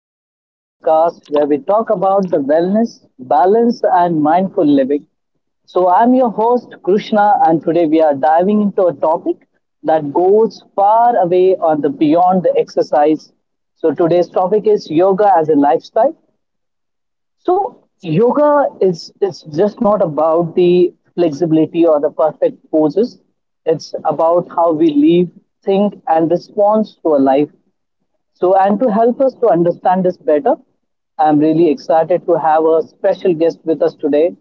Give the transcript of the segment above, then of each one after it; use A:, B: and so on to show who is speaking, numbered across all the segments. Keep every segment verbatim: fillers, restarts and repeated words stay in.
A: back to the podcast where we talk about the wellness, balance, and mindful living. So, I'm your host Krishna, and today we are diving into a topic that goes far away on the beyond the exercise. So, today's topic is yoga as a lifestyle. So, yoga is it's just not about the flexibility or the perfect poses. It's about how we live, think, and respond to a life. So, and to help us to understand this better, I'm really excited to have a special guest with us today.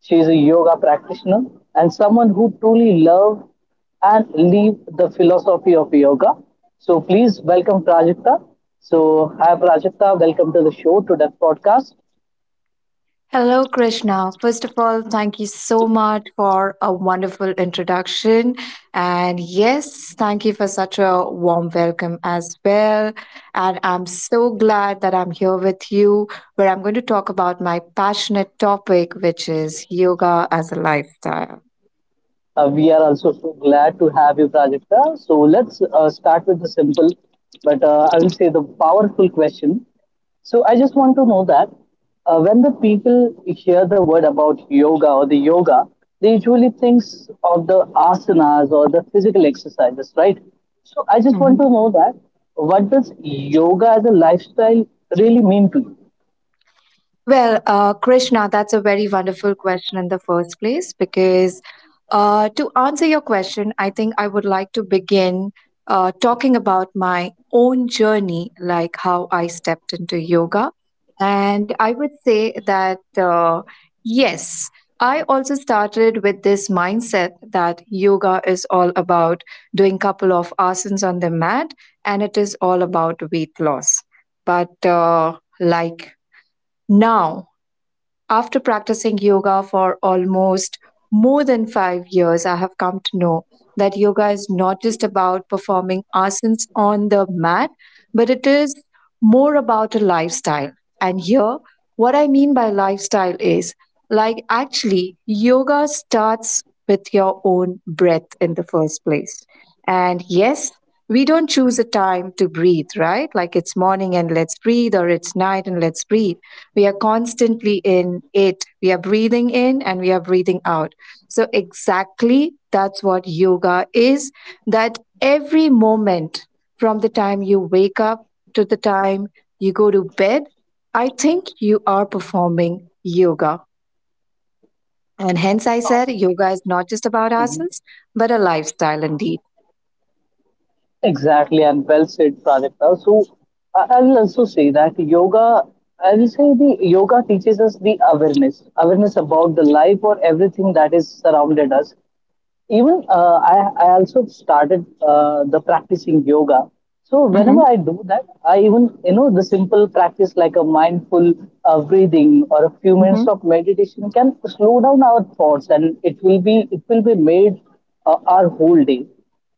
A: She is a yoga practitioner and someone who truly loves and lives the philosophy of yoga. So, please welcome Prajakta. So, hi Prajakta, welcome to the show, to the podcast.
B: Hello, Krishna. First of all, thank you so much for a wonderful introduction. And yes, thank you for such a warm welcome as well. And I'm so glad that I'm here with you where I'm going to talk about my passionate topic, which is yoga as a lifestyle.
A: Uh, we are also so glad to have you, Prajakta. So let's uh, start with the simple, but uh, I will say the powerful question. So I just want to know that uh, when the people hear the word about yoga or the yoga, they usually thinks of the asanas or the physical exercises, right? So I just want to
B: Mm-hmm.
A: know that what does yoga as a lifestyle really mean to you?
B: Well, uh, Krishna, that's a very wonderful question in the first place because uh, to answer your question, I think I would like to begin uh, talking about my own journey, like how I stepped into yoga. And I would say that, uh, yes, I also started with this mindset that yoga is all about doing couple of asanas on the mat and it is all about weight loss. But uh, like now, after practicing yoga for almost more than five years, I have come to know that yoga is not just about performing asanas on the mat, but it is more about a lifestyle. And here, what I mean by lifestyle is like actually, yoga starts with your own breath in the first place. And yes, we don't choose a time to breathe, right? Like it's morning and let's breathe, or it's night and let's breathe, we are constantly in it. We are breathing in and we are breathing out. So, exactly that's what yoga is, that every moment from the time you wake up to the time you go to bed, I think you are performing yoga. And hence, I said yoga is not just about asanas, but a lifestyle indeed.
A: Exactly, and well said, Prajakta. So I- I'll also say that yoga, I will say the yoga teaches us the awareness, awareness about the life or everything that is surrounded us. Even uh, I, I also started uh, the practicing yoga. So whenever I do that, I even you know the simple practice like a mindful uh, breathing or a few minutes
B: Mm-hmm.
A: of meditation can slow down our thoughts, and it will be it will be made uh, our whole day.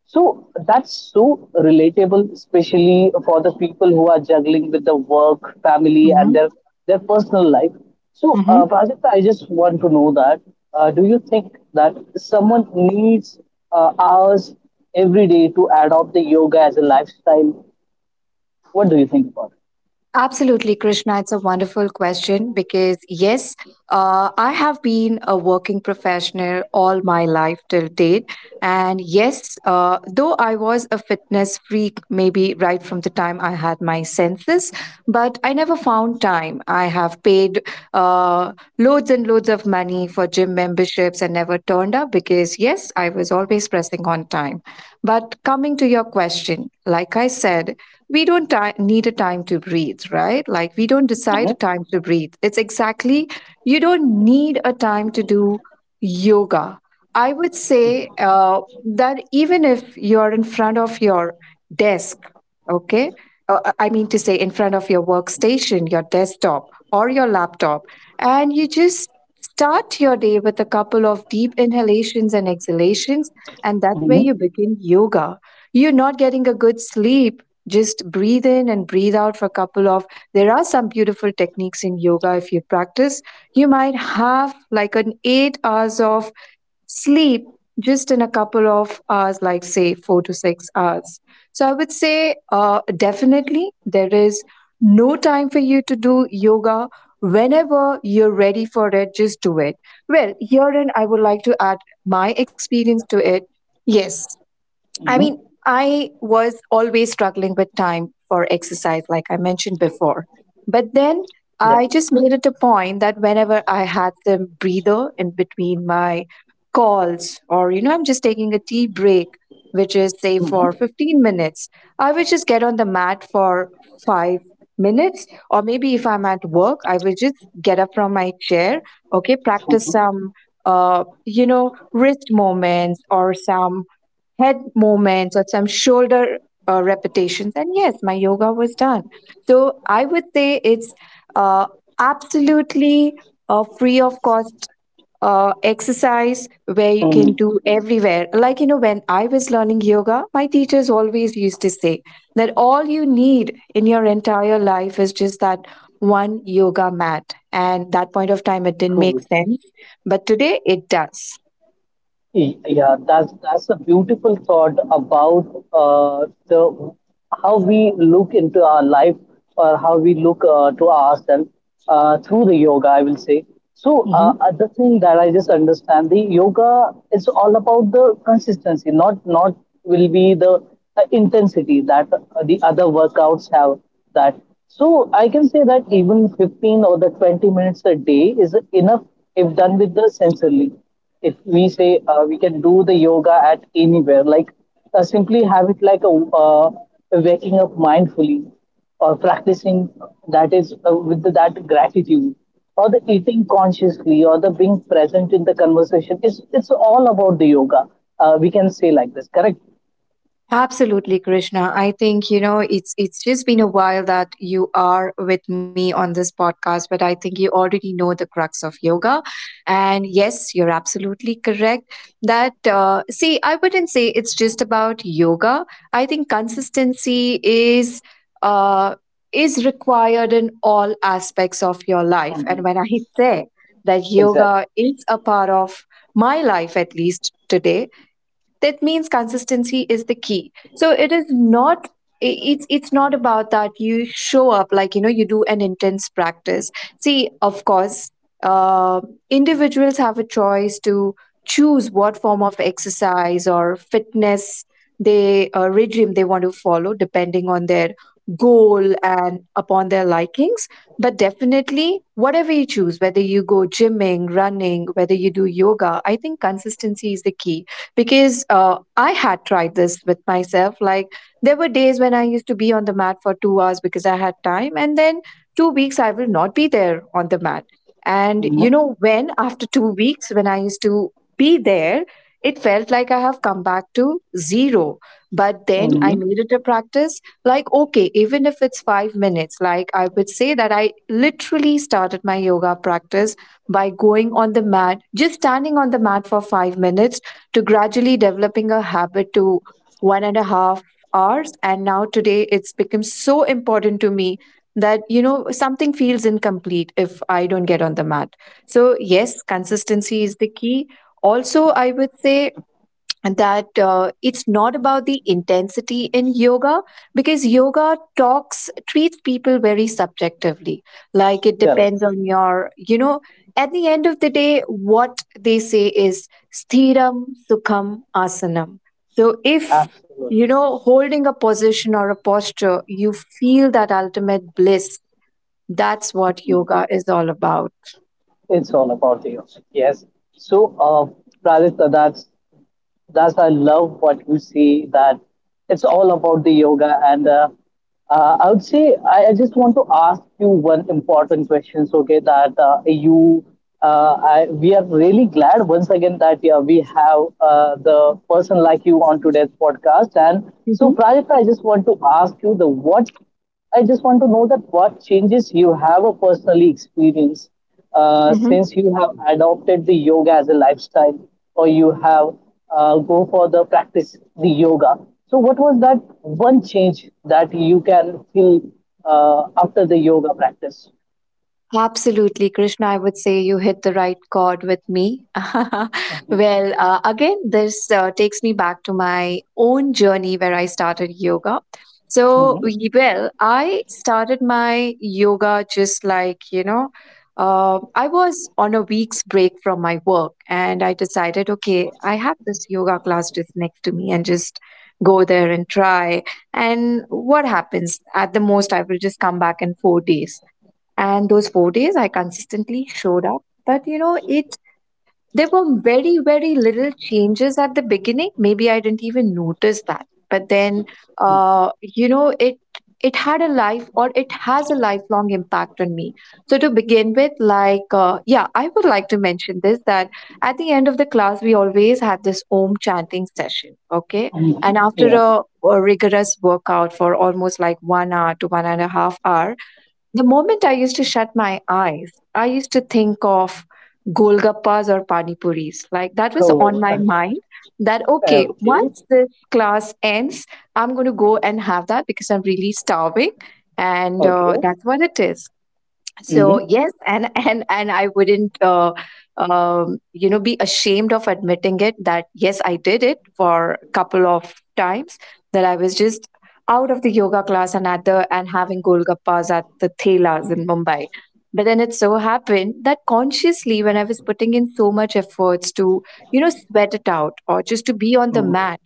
A: So that's so relatable, especially for the people who are juggling with the work, family, and
B: Mm-hmm.
A: their their personal life. So, uh,
B: Hmm.
A: Prajakta, I just want to know that uh, do you think that someone needs uh, hours every day to adopt the yoga as a lifestyle? What do you think about it?
B: Absolutely, Krishna. It's a wonderful question because, yes, uh, I have been a working professional all my life till date. And yes, uh, though I was a fitness freak, maybe right from the time I had my senses, but I never found time. I have paid uh, loads and loads of money for gym memberships and never turned up because, yes, I was always pressing on time. But coming to your question, like I said, we don't ti- need a time to breathe, right? Like we don't decide
A: Mm-hmm.
B: a time to breathe. It's exactly, you don't need a time to do yoga. I would say uh, that even if you're in front of your desk, okay, uh, uh, I mean to say in front of your workstation, your desktop, or your laptop, and you just start your day with a couple of deep inhalations and exhalations, and that's where
A: Mm-hmm.
B: you begin yoga. You're not getting a good sleep, just breathe in and breathe out for a couple of. There are some beautiful techniques in yoga if you practice. You might have like an eight hours of sleep just in a couple of hours, like say four to six hours. So I would say uh, definitely there is no time for you to do yoga. Whenever you're ready for it, just do it. Well, herein I would like to add my experience to it. Yes, I
A: Mm-hmm.
B: mean, I was always struggling with time for exercise, like I mentioned before. But then
A: Yeah.
B: I just made it a point that whenever I had some breather in between my calls, or, you know, I'm just taking a tea break, which is, say, for
A: Mm-hmm.
B: fifteen minutes, I would just get on the mat for five minutes. Or maybe if I'm at work, I would just get up from my chair, okay, practice some. Uh, you know, wrist movements or some head movements or some shoulder uh, repetitions. And yes, my yoga was done. So I would say it's uh, absolutely a free of cost uh, exercise where you can
A: Mm-hmm.
B: do everywhere. Like, you know, when I was learning yoga, my teachers always used to say that all you need in your entire life is just that one yoga mat. And that point of time, it didn't make
A: Cool.
B: sense. But today it does.
A: Y- Yeah, that's that's a beautiful thought about uh, the how we look into our life or how we look uh, to ourselves uh, through the yoga, I will say. So uh,
B: Mhm.
A: other thing that I just understand the yoga is all about the consistency, not not will be the uh, intensity that uh, the other workouts have. That so I can say that even fifteen or the twenty minutes a day is enough if done with the sensorily, if we say uh, we can do the yoga at anywhere, like uh, simply have it like a uh, waking up mindfully or practicing that is uh, with that gratitude or the eating consciously or the being present in the conversation. It's, it's all about the yoga. Uh, we can say like this, correct?
B: Absolutely, Krishna. I think, you know, it's it's just been a while that you are with me on this podcast, but I think you already know the crux of yoga. And yes, you're absolutely correct that uh, see, I wouldn't say it's just about yoga. I think consistency is uh, is required in all aspects of your life. And
A: Mhm.
B: when I say that
A: Exactly.
B: yoga is a part of my life, at least today, that means consistency is the key, so it is not, i- it's it's not about that you show up, like you know, you do an intense practice. See, of course, uh, individuals have a choice to choose what form of exercise or fitness they uh, regime they want to follow depending on their goal and upon their likings. But definitely, whatever you choose, whether you go gymming, running, whether you do yoga, I think consistency is the key, because uh, I had tried this with myself. Like there were days when I used to be on the mat for two hours because I had time, and then two weeks I will not be there on the mat. And you
A: Hmm.
B: know, when after two weeks, when I used to be there, it felt like I have come back to zero. But then I
A: Hmm.
B: made it a practice, like okay, even if it's five minutes, like I would say that I literally started my yoga practice by going on the mat, just standing on the mat for five minutes, to gradually developing a habit to one and a half hours. And now today it's become so important to me that, you know, something feels incomplete if I don't get on the mat. So, yes, consistency is the key. Also, I would say that uh, it's not about the intensity in yoga, because yoga talks treats people very subjectively, like it
A: Correct.
B: depends on your, you know, at the end of the day what they say is sthiram sukham asanam. So if
A: Absolutely.
B: you know, holding a position or a posture, you feel that ultimate bliss, that's what yoga is all about.
A: It's all about the yoga. Yes. So, uh, Radhika, that's That's I love what you see that it's all about the yoga and uh, uh, I would say I, I just want to ask you one important question. So, okay, that uh, you uh, I, we are really glad once again that yeah, we have uh, the person like you on today's podcast. And so,
B: Hmm.
A: Prajakta, I just want to ask you the what I just want to know that what changes you have or personally experienced uh,
B: Hmm.
A: since you have adopted the yoga as a lifestyle or you have uh, go for the practice the yoga. So what was that one change that you can feel uh, after the yoga practice?
B: Absolutely, Krishna. I would say you hit the right chord with me. Well, uh, again, this uh, takes me back to my own journey where I started yoga. So, we- well, I started my yoga just like, you know, uh, I was on a week's break from my work and I decided, okay, I have this yoga class just next to me and just go there and try. And what happens? At the most, I will just come back in four days. And those four days, I consistently showed up. But you know, it there were very, very little changes at the beginning. Maybe I didn't even notice that. But then, uh, you know, it it had a life, or it has a lifelong impact on me. So to begin with, like, uh, yeah, I would like to mention this that at the end of the class, we always had this Om chanting session. Okay,
A: Hmm.
B: and after
A: Yeah.
B: a, a rigorous workout for almost like one hour to one and a half hour, the moment I used to shut my eyes, I used to think of Golgappas or pani puris. Like that was on
A: Oh,
B: my mind, that, okay,
A: okay.
B: once this class ends, I'm going to go and have that because I'm really starving. And uh, that's what it is. So yes, and and and I wouldn't, uh, um, you know, be ashamed of admitting it, that yes I did it for a couple of times, that I was just out of the yoga class and at the, and having golgappas at the thelas in Mumbai. But then it so happened that consciously, when I was putting in so much efforts to, you know, sweat it out or just to be on the
A: Mm-hmm.
B: mat,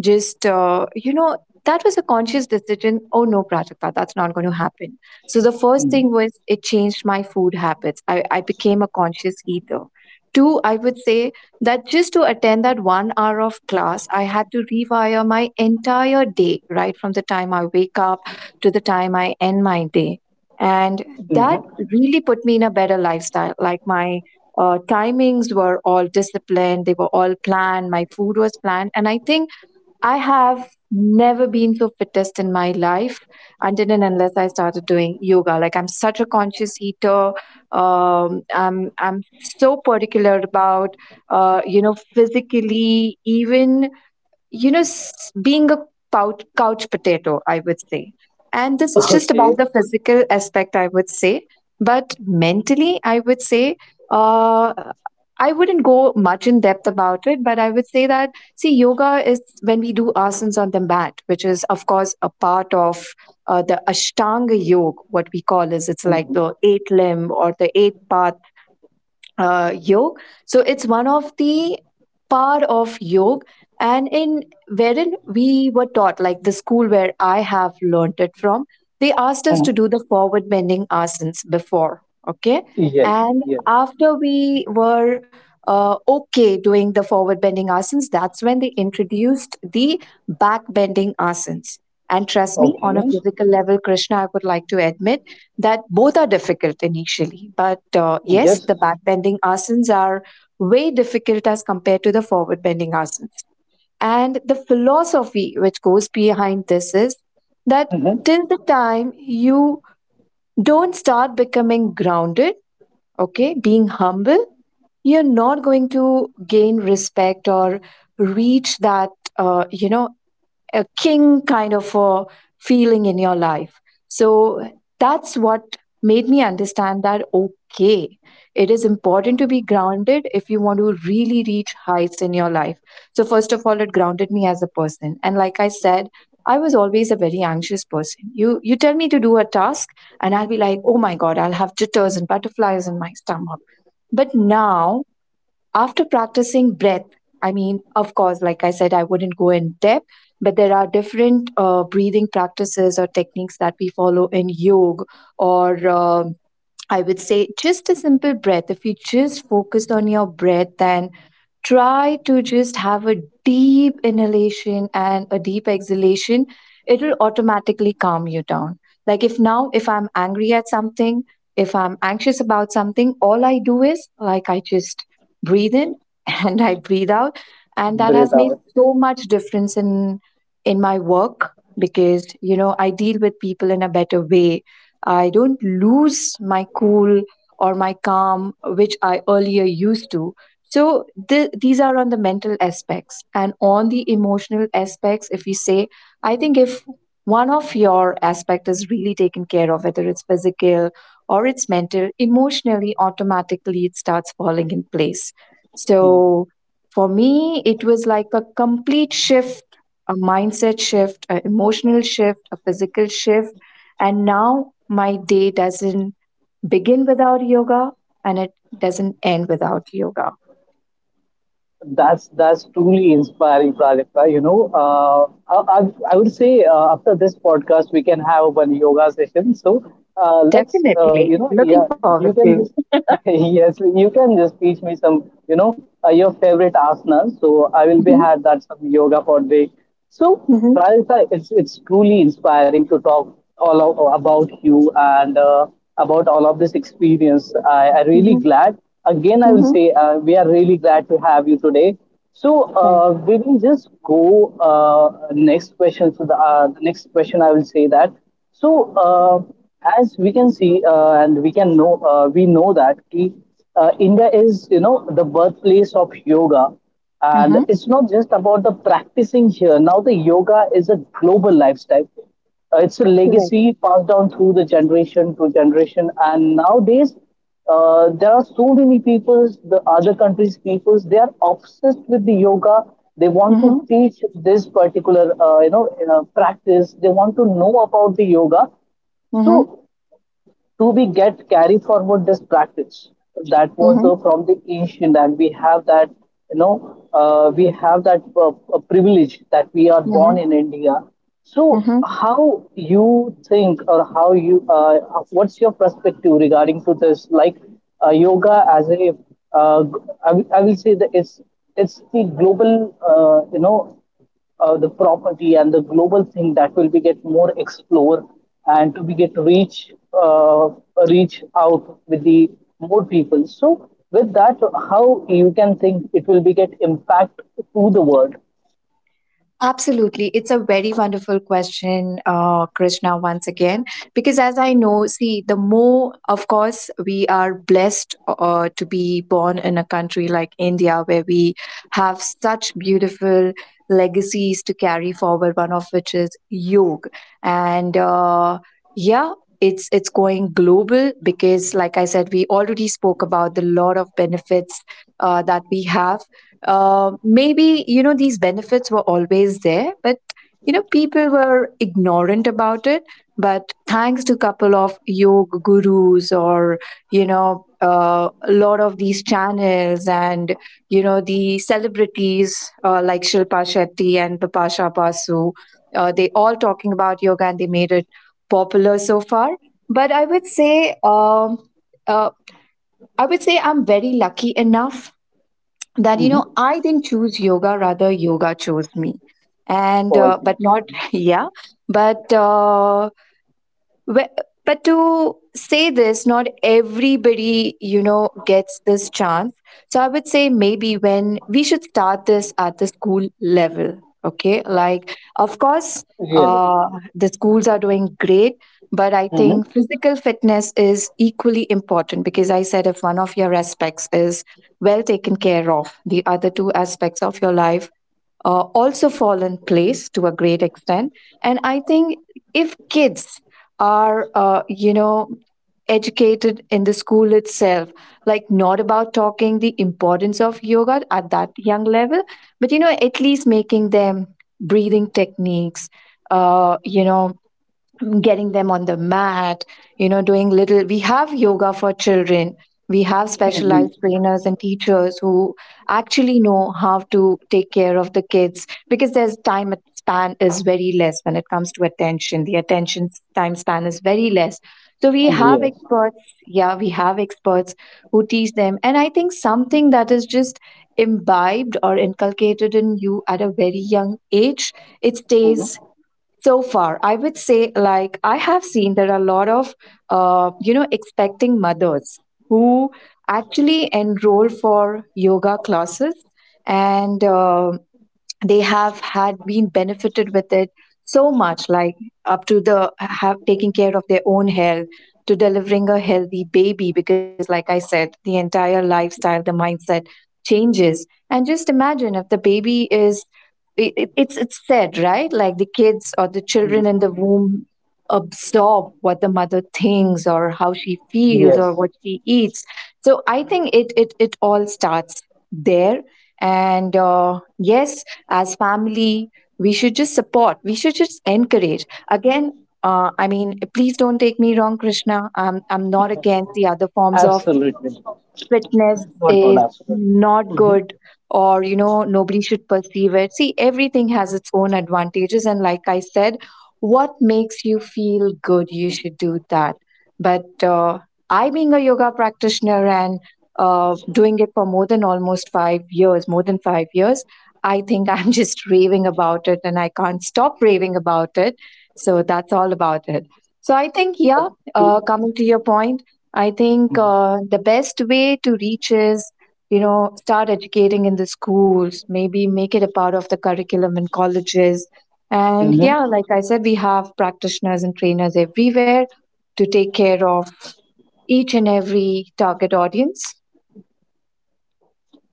B: just uh, you know, that was a conscious decision, oh no Prajakta, that's not going to happen. So the first thing was, it changed my food habits. I, I became a conscious eater. Two, I would say that just to attend that one hour of class, I had to rewire my entire day, right from the time I wake up to the time I end my day. And that
A: Hmm.
B: really put me in a better lifestyle. Like my uh, timings were all disciplined, they were all planned, my food was planned. And I think I have never been so fittest in my life until and unless I started doing yoga. Like I'm such a conscious eater. Um, I'm I'm so particular about uh, you know, physically even, you know, s- being a couch, couch potato, I would say. And this is just
A: Okay.
B: about the physical aspect, I would say. But mentally, I would say, uh, I wouldn't go much in depth about it, but I would say that, see, yoga is when we do asanas on the mat, which is, of course, a part of uh, the Ashtanga yoga, what we call is, it's like
A: Hmm.
B: the eight limb or the eight path uh, yog. So it's one of the part of yog, and in wherein we were taught, like the school where I have learnt it from, they asked us to do the forward bending asanas before, okay,
A: Yes.
B: and
A: Yes.
B: after we were uh, okay doing the forward bending asanas, that's when they introduced the back bending asanas. And trust me,
A: Okay.
B: on a physical level, Krishna, I would like to admit that both are difficult initially. But uh, yes, the
A: Yes.
B: back bending asanas are way difficult as compared to the forward bending asanas. And the philosophy which goes behind this is that
A: Hmm.
B: till the time you don't start becoming grounded, okay, being humble, you're not going to gain respect or reach that, uh, you know, a king kind of a feeling in your life. So that's what made me understand that okay, it is important to be grounded if you want to really reach heights in your life. So, first of all, it grounded me as a person. And like I said, I was always a very anxious person. You you tell me to do a task and I'll be like, "Oh my god, I'll have jitters and butterflies in my stomach." But now after practicing breath, I mean, of course, like I said, I wouldn't go in depth, but there are different uh, breathing practices or techniques that we follow in yoga, or um I would say just a simple breath. If you just focus on your breath, then try to just have a deep inhalation and a deep exhalation, it will automatically calm you down. Like if now if I'm angry at something, if I'm anxious about something, all I do is like I just breathe in and I breathe out, and that
A: Breathe
B: has made
A: out.
B: so much difference in in my work, because you know I deal with people in a better way. I don't lose my cool or my calm, which I earlier used to. So th- these are on the mental aspects and on the emotional aspects. If you say, I think if one of your aspect is really taken care of, whether it's physical or it's mental, emotionally, automatically it starts falling in place. So for me, it was like a complete shift, a mindset shift, an emotional shift, a physical shift. And now my day doesn't begin without yoga and it doesn't end without yoga.
A: That's that's truly inspiring, Prajakta. You know, uh, I, I I would say uh, after this podcast we can have one yoga session. So uh, let's uh, you
B: Definitely.
A: know
B: Looking
A: yeah,
B: forward
A: you
B: to.
A: can just yes, you can just teach me some you know uh, your favorite asanas. So I will be
B: Mhm,
A: had that some yoga for day. So,
B: mhm,
A: Pradipta, it's it's truly inspiring to talk all of, about you and uh, about all of this experience. I I really
B: mhm,
A: glad. Again, I will
B: mhm.
A: say uh, we are really glad to have you today. So
B: Thank
A: uh, we will just go uh, next question. So the, uh, the next question I will say that. So uh, as we can see uh, and we can know, uh, we know that ki, uh, India is you know the birthplace of yoga and
B: Mhm,
A: it's not just about the practicing here. Now, the yoga is a global lifestyle. Uh, it's a
B: you. Correct.
A: legacy passed down through the generation to generation. And nowadays, uh, there are so many peoples, the other countries' peoples, they are obsessed with the yoga. They want to
B: Mhm,
A: teach this particular, uh, you know, uh, practice. They want to know about the yoga. So
B: mhm,
A: do we get carry forward this practice? So that was
B: mhm,
A: uh, from the ancient and we have that you know uh, we have that uh, uh, privilege that we are born
B: mhm,
A: in India. So
B: mhm.
A: how you think or how you uh, what's your perspective regarding to this, like uh, yoga as a uh, I, will- I will say that it's it's the global, uh, you know uh, the property and the global thing that will be get more explore and to be get reach uh, reach out with the more people. So with that, how you can think it will be get impact to the world?
B: Absolutely. It's a very wonderful question, uh, Krishna, once again. Because as I know, see, the more, of course, we are blessed uh, to be born in a country like India where we have such beautiful legacies to carry forward, one of which is yoga. And uh, yeah, it's, it's going global because, like I said, we already spoke about the lot of benefits uh, that we have uh, maybe, you know, these benefits were always there, but, you know, people were ignorant about it. But thanks to couple of yoga gurus or, you know, uh, a lot of these channels and, you know, the celebrities uh, like Shilpa Shetty and Bipasha Basu, uh, they all talking about yoga and they made it popular so far. But I would say, um, uh, I would say I'm very lucky enough that you
A: Mm-hmm.
B: know I didn't choose yoga, rather yoga chose me. And uh,
A: Obviously.
B: but not yeah, but uh, Wh- but to say this, not everybody, you know, gets this chance. So I would say maybe when we should start this at the school level. Okay. Like, of course,
A: Really.
B: uh, the schools are doing great, but I think physical fitness is equally important because I said if one of your aspects is well taken care of, the other two aspects of your life uh, also fall in place to a great extent. And I think if kids are, uh, you know, educated in the school itself, like not about talking the importance of yoga at that young level, but, you know, at least making them breathing techniques, uh, you know, getting them on the mat, you know, doing little. We have yoga for children. We have specialized
A: Hmm.
B: trainers and teachers who actually know how to take care of the kids because there's time span is very less when it comes to attention. The attention time span is very less. So we have
A: Yes.
B: experts, yeah, we have experts who teach them. And I think something that is just imbibed or inculcated in you at a very young age, it
A: Hmm.
B: stays so far. I would say like I have seen there are a lot of uh, you know expecting mothers who actually enroll for yoga classes, and uh, they have had been benefited with it so much, like up to the have taking care of their own health to delivering a healthy baby, because like I said, the entire lifestyle, the mindset changes. And just imagine if the baby is it, it- it's it's said right, like the kids or the children in the womb absorb what the mother thinks or how she feels or
A: Yes.
B: what she eats. So I think it it, it all starts there. And uh, yes, as family we should just support, we should just encourage. Again, uh, I mean please don't take me wrong, Krishna, i'm i'm not against the other forms of
A: Absolutely.
B: fitness
A: Not, not
B: is
A: absolutely.
B: not good or you know nobody should perceive it. See, everything has its own advantages, and like I said, what makes you feel good, you should do that. But uh, I being a yoga practitioner and uh, doing it for more than almost five years, more than five years, I think I'm just raving about it and I can't stop raving about it. So that's all about it. So I think yeah,
A: To.
B: uh, coming to your point, I think uh, the best way to reach is, you know, start educating in the schools, maybe make it a part of the curriculum in colleges. And yeah, like I said, we have practitioners and trainers everywhere to take care of each and every target audience.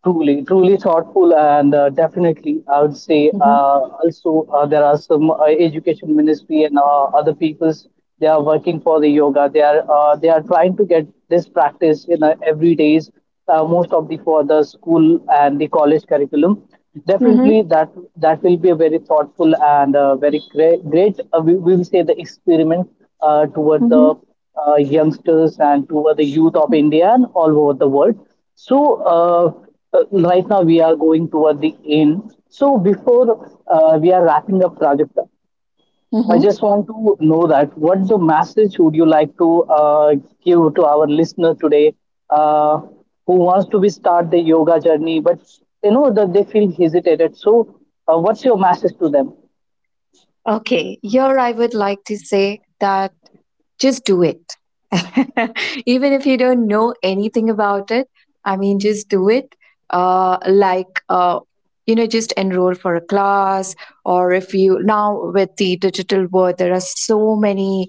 A: Truly, truly thoughtful, and uh, definitely, I would say
B: Mm-hmm.
A: uh, also uh, there are some uh, education ministry and uh, other people's they are working for the yoga. They are uh, they are trying to get this practice in uh, every days, uh, most of the for the school and the college curriculum. Definitely,
B: Mm-hmm.
A: that that will be a very thoughtful and uh, very great, great uh, we, we will say the experiment uh, toward
B: Mm-hmm.
A: the uh, youngsters and toward the youth of
B: Mm-hmm.
A: India and all over the world. So. Uh, uh, right now we are going toward the end. So before uh, we are wrapping up, Prajakta, I
B: Mm-hmm.
A: just want to know that what the message would you like to uh, give to our listener today, uh, who wants to be start the yoga journey, but you know that they feel hesitated. So uh, what's your message to them?
B: Okay, here I would like to say that just do it. Even if you don't know anything about it, I mean, just do it. Uh, like, uh, you know, just enroll for a class, or if you now with the digital world, there are so many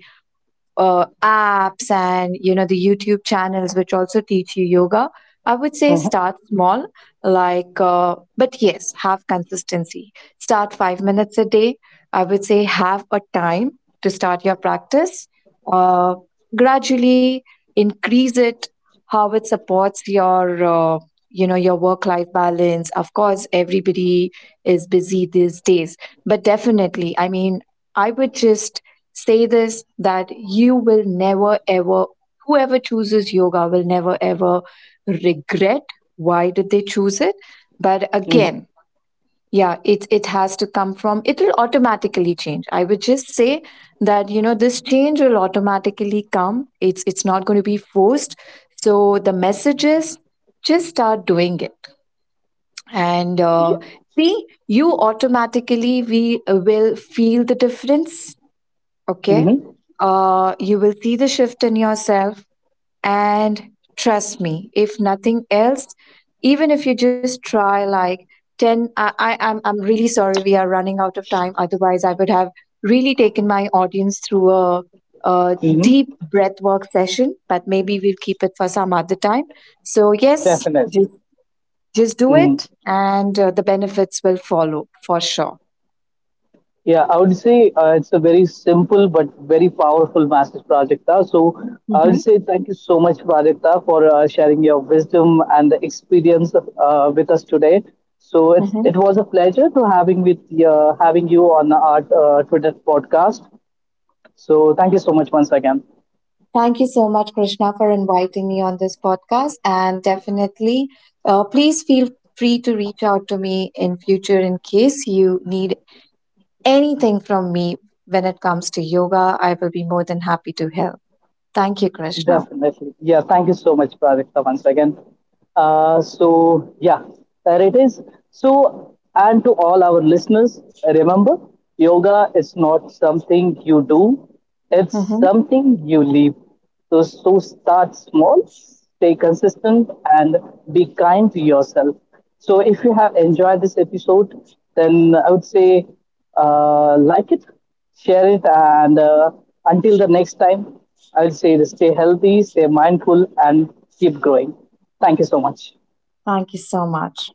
B: uh, apps and you know the YouTube channels which also teach you yoga. I would say
A: Mm-hmm.
B: start small, like uh, but yes, have consistency. Start five minutes a day. I would say have a time to start your practice, uh, gradually increase it, how it supports your uh, you know your work life balance. Of course everybody is busy these days, but definitely, I mean, I would just say this, that you will never ever, whoever chooses yoga will never ever regret why did they choose it. But
A: Hmm.
B: again, yeah, it it has to come from, it will automatically change. I would just say that you know this change will automatically come, it's it's not going to be forced. So the message is just start doing it. And
A: Yeah.
B: uh, see, you automatically, we will feel the difference. Okay.
A: Mm-hmm.
B: uh, you will see the shift in yourself, and trust me, if nothing else, even if you just try like ten, I, I i'm i'm really sorry, we are running out of time, otherwise I would have really taken my audience through a, a
A: Hmm.
B: deep breath work session, but maybe we'll keep it for some other time. So yes,
A: Definitely.
B: just just do
A: Mm-hmm.
B: it, and uh, the benefits will follow for sure.
A: Yeah, I would say uh, it's a very simple but very powerful message, Prajakta. So I
B: Hmm.
A: would say thank you so much, Prajakta, for uh, sharing your wisdom and the experience uh, with us today. So it's it
B: Hmm.
A: was a pleasure to having with uh, having you on our uh, Twitter podcast. So thank you so much once again.
B: Thank you so much, Krishna, for inviting me on this podcast. And definitely, uh, please feel free to reach out to me in future in case you need anything from me when it comes to yoga. I will be more than happy to help. Thank you, Krishna.
A: Definitely, yeah. Thank you so much, Prajakta, once again. Uh, so, yeah, there it is. So, and to all our listeners, remember yoga is not something you do, it's
B: Hmm.
A: something you live. So, so start small, stay consistent, and be kind to yourself. So, if you have enjoyed this episode, then I would say uh, like it, share it, and uh, until the next time, I will say stay healthy, stay mindful, and keep growing. Thank you so much.
B: Thank you so much.